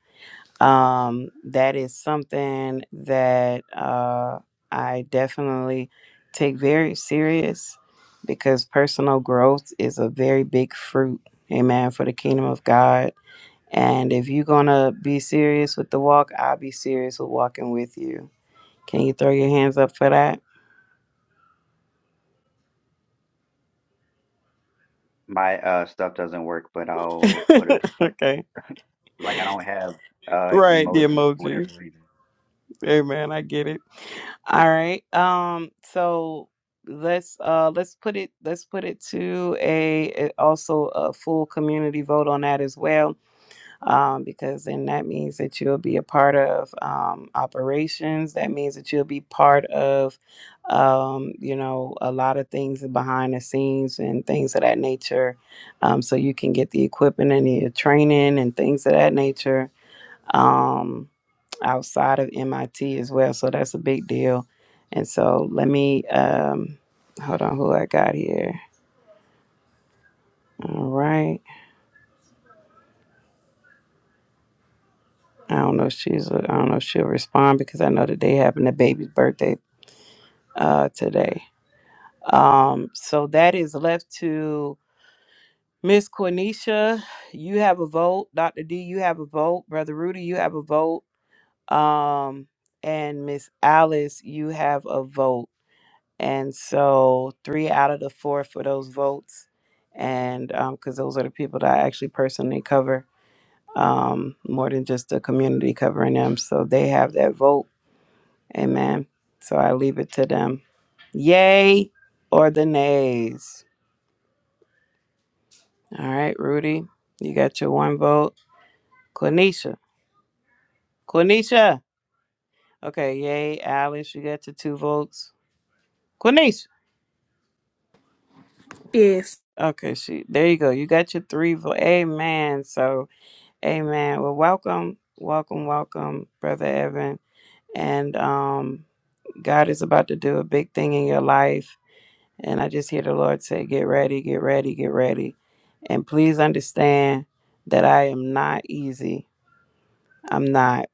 Um, that is something that uh, I definitely take very serious because personal growth is a very big fruit, amen, for the kingdom of God. And if you're going to be serious with the walk, I'll be serious with walking with you. Can you throw your hands up for that? My uh stuff doesn't work, but I'll put a [laughs] okay. like I don't have uh Right, the emojis for emojis. whatever reason. Hey man, I get it. All right. Um so let's uh let's put it let's put it to a a- also a full community vote on that as well. Um because then that means that you'll be a part of um operations. That means that you'll be part of um you know a lot of things behind the scenes and things of that nature. Um so you can get the equipment and your training and things of that nature um, outside of MIT as well. So that's a big deal. And so let me um, hold on. Who I got here? All right. I don't know if she's. I don't know if she'll respond because I know that they having a baby's birthday uh, today. Um, so that is left to Miss Cornisha. You have a vote. Dr. D, you have a vote. Brother Rudy, you have a vote. Um, and Miss Alice, you have a vote. And so three out of the four for those votes. And because those are the people that I actually personally cover um, more than just the community covering them. So they have that vote. Amen. So I leave it to them. Yay or the nays. All right, Rudy, you got your one vote. Quenisha. Quenisha. Okay, yay. Alice, you got your two votes. Quenisha. If. Okay, she. There you go. You got your three votes. Amen. So Amen. Well, welcome, welcome, welcome, Brother Evan. And um, God is about to do a big thing in your life. And I just hear the Lord say, Get ready, get ready, get ready. And please understand that I am not easy. I'm not.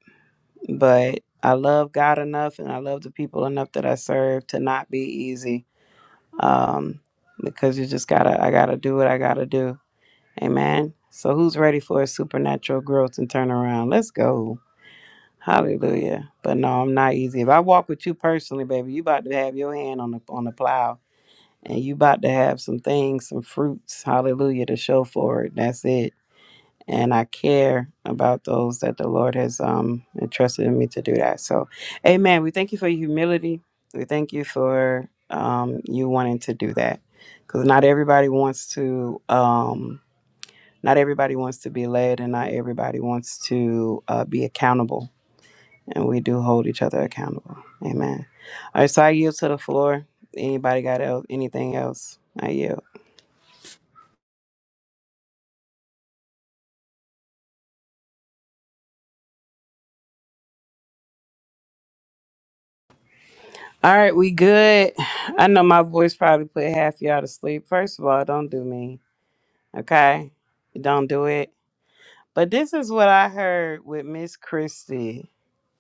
But I love God enough and I love the people enough that I serve to not be easy. Um, because you just gotta, I gotta do what I gotta do. Amen. So, who's ready for a supernatural growth and turnaround? Let's go. Hallelujah. But no, I'm not easy. If I walk with you personally, baby, you about to have your hand on the on the plow and you about to have some things, some fruits, hallelujah, to show for it. That's it. And I care about those that the Lord has um entrusted in me to do that. So Amen. We thank you for your humility. We thank you for um you wanting to do that. Cause not everybody wants to um not everybody wants to be led and not everybody wants to uh, be accountable and we do hold each other accountable. Amen. All right, so I yield to the floor. Anybody got else, anything else? I yield. All right, we good. I know my voice probably put half y'all to sleep. First of all, don't do me, okay? Don't do it. But this is what I heard with Miss Christie.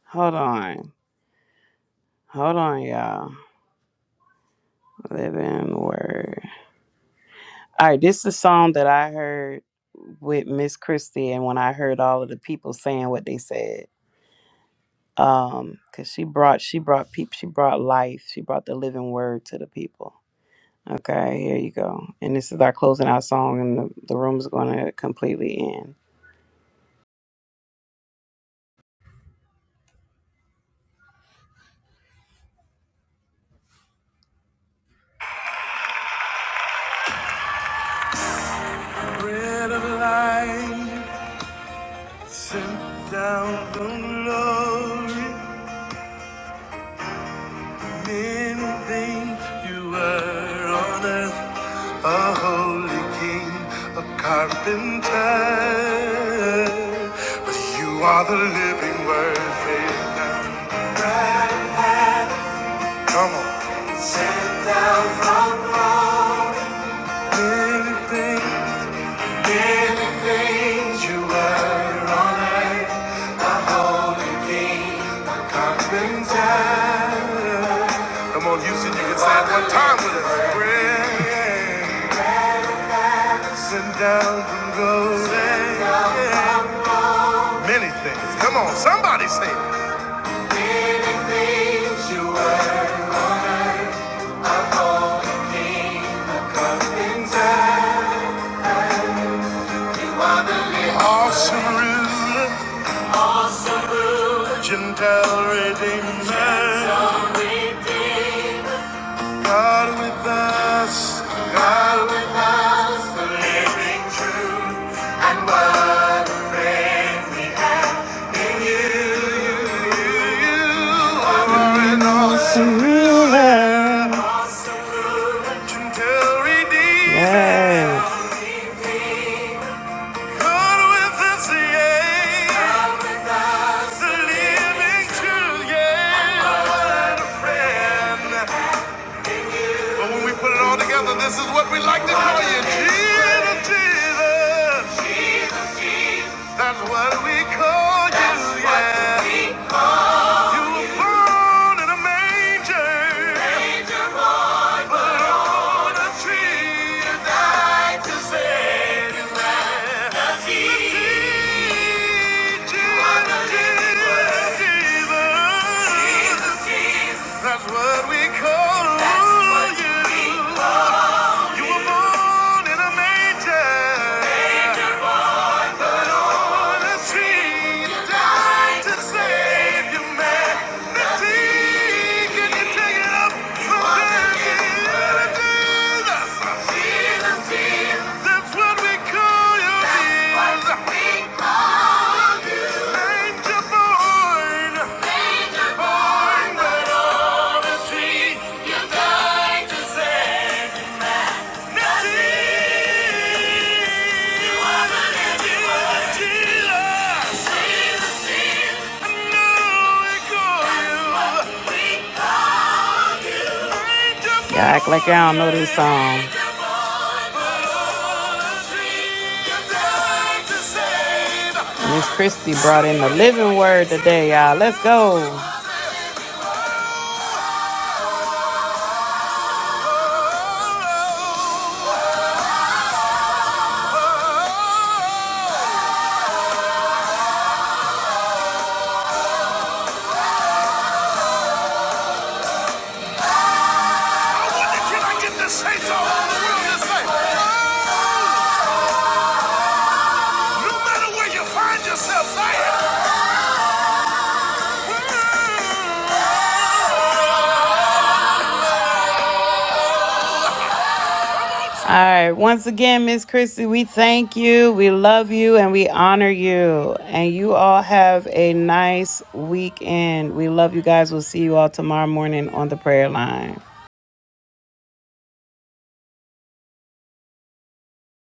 Hold on. Hold on, y'all. Living word. All right, this is the song that I heard with Miss Christie and when I heard all of the people saying what they said. um because she brought she brought people she brought life she brought the living word to the people okay here you go and this is our closing out song and the, the room is going to completely end Glory, many things you were on earth, a holy king, a carpenter. But you are the living word. Say it now. Come on. Sent down from above. Anything, anything, things- Come on, Houston, you can say it one time with us. Sent down from gold. Many things. Come on, somebody say it. Gives you a the living Awesome ruler. Awesome ruler. Gentile redeemer. Gentile redeemer. God with us, God with us, the living truth, God in you, you you, are an awesome ruler, gentle redeemer. Yes. God with us, yeah, God with us, the living truth, yeah, what a friend. But when we put it all together, this is what we like to call you, Jesus, Jesus. That's what we call you, That's what yeah. we call you were you. born in a manger, Manger. but on a tree you died to save you, man. That's The he. teaching What a living Jesus. word. Jesus. Jesus. That's what we call That's what you. we call You were you. born in a Manger. That's what we call you. That's what we call you. Angel born. Angel born, but on a tree you died to save. Y'all act like y'all don't know this song. Miss Christie brought in the living word today, y'all. Let's go. Can I get this saints all over the world to say, "Oh!" No matter where you find yourself, say it. All right. Once again, Miss Christy, we thank you, we love you, and we honor you. And you all have a nice weekend. We love you guys. We'll see you all tomorrow morning on the prayer line.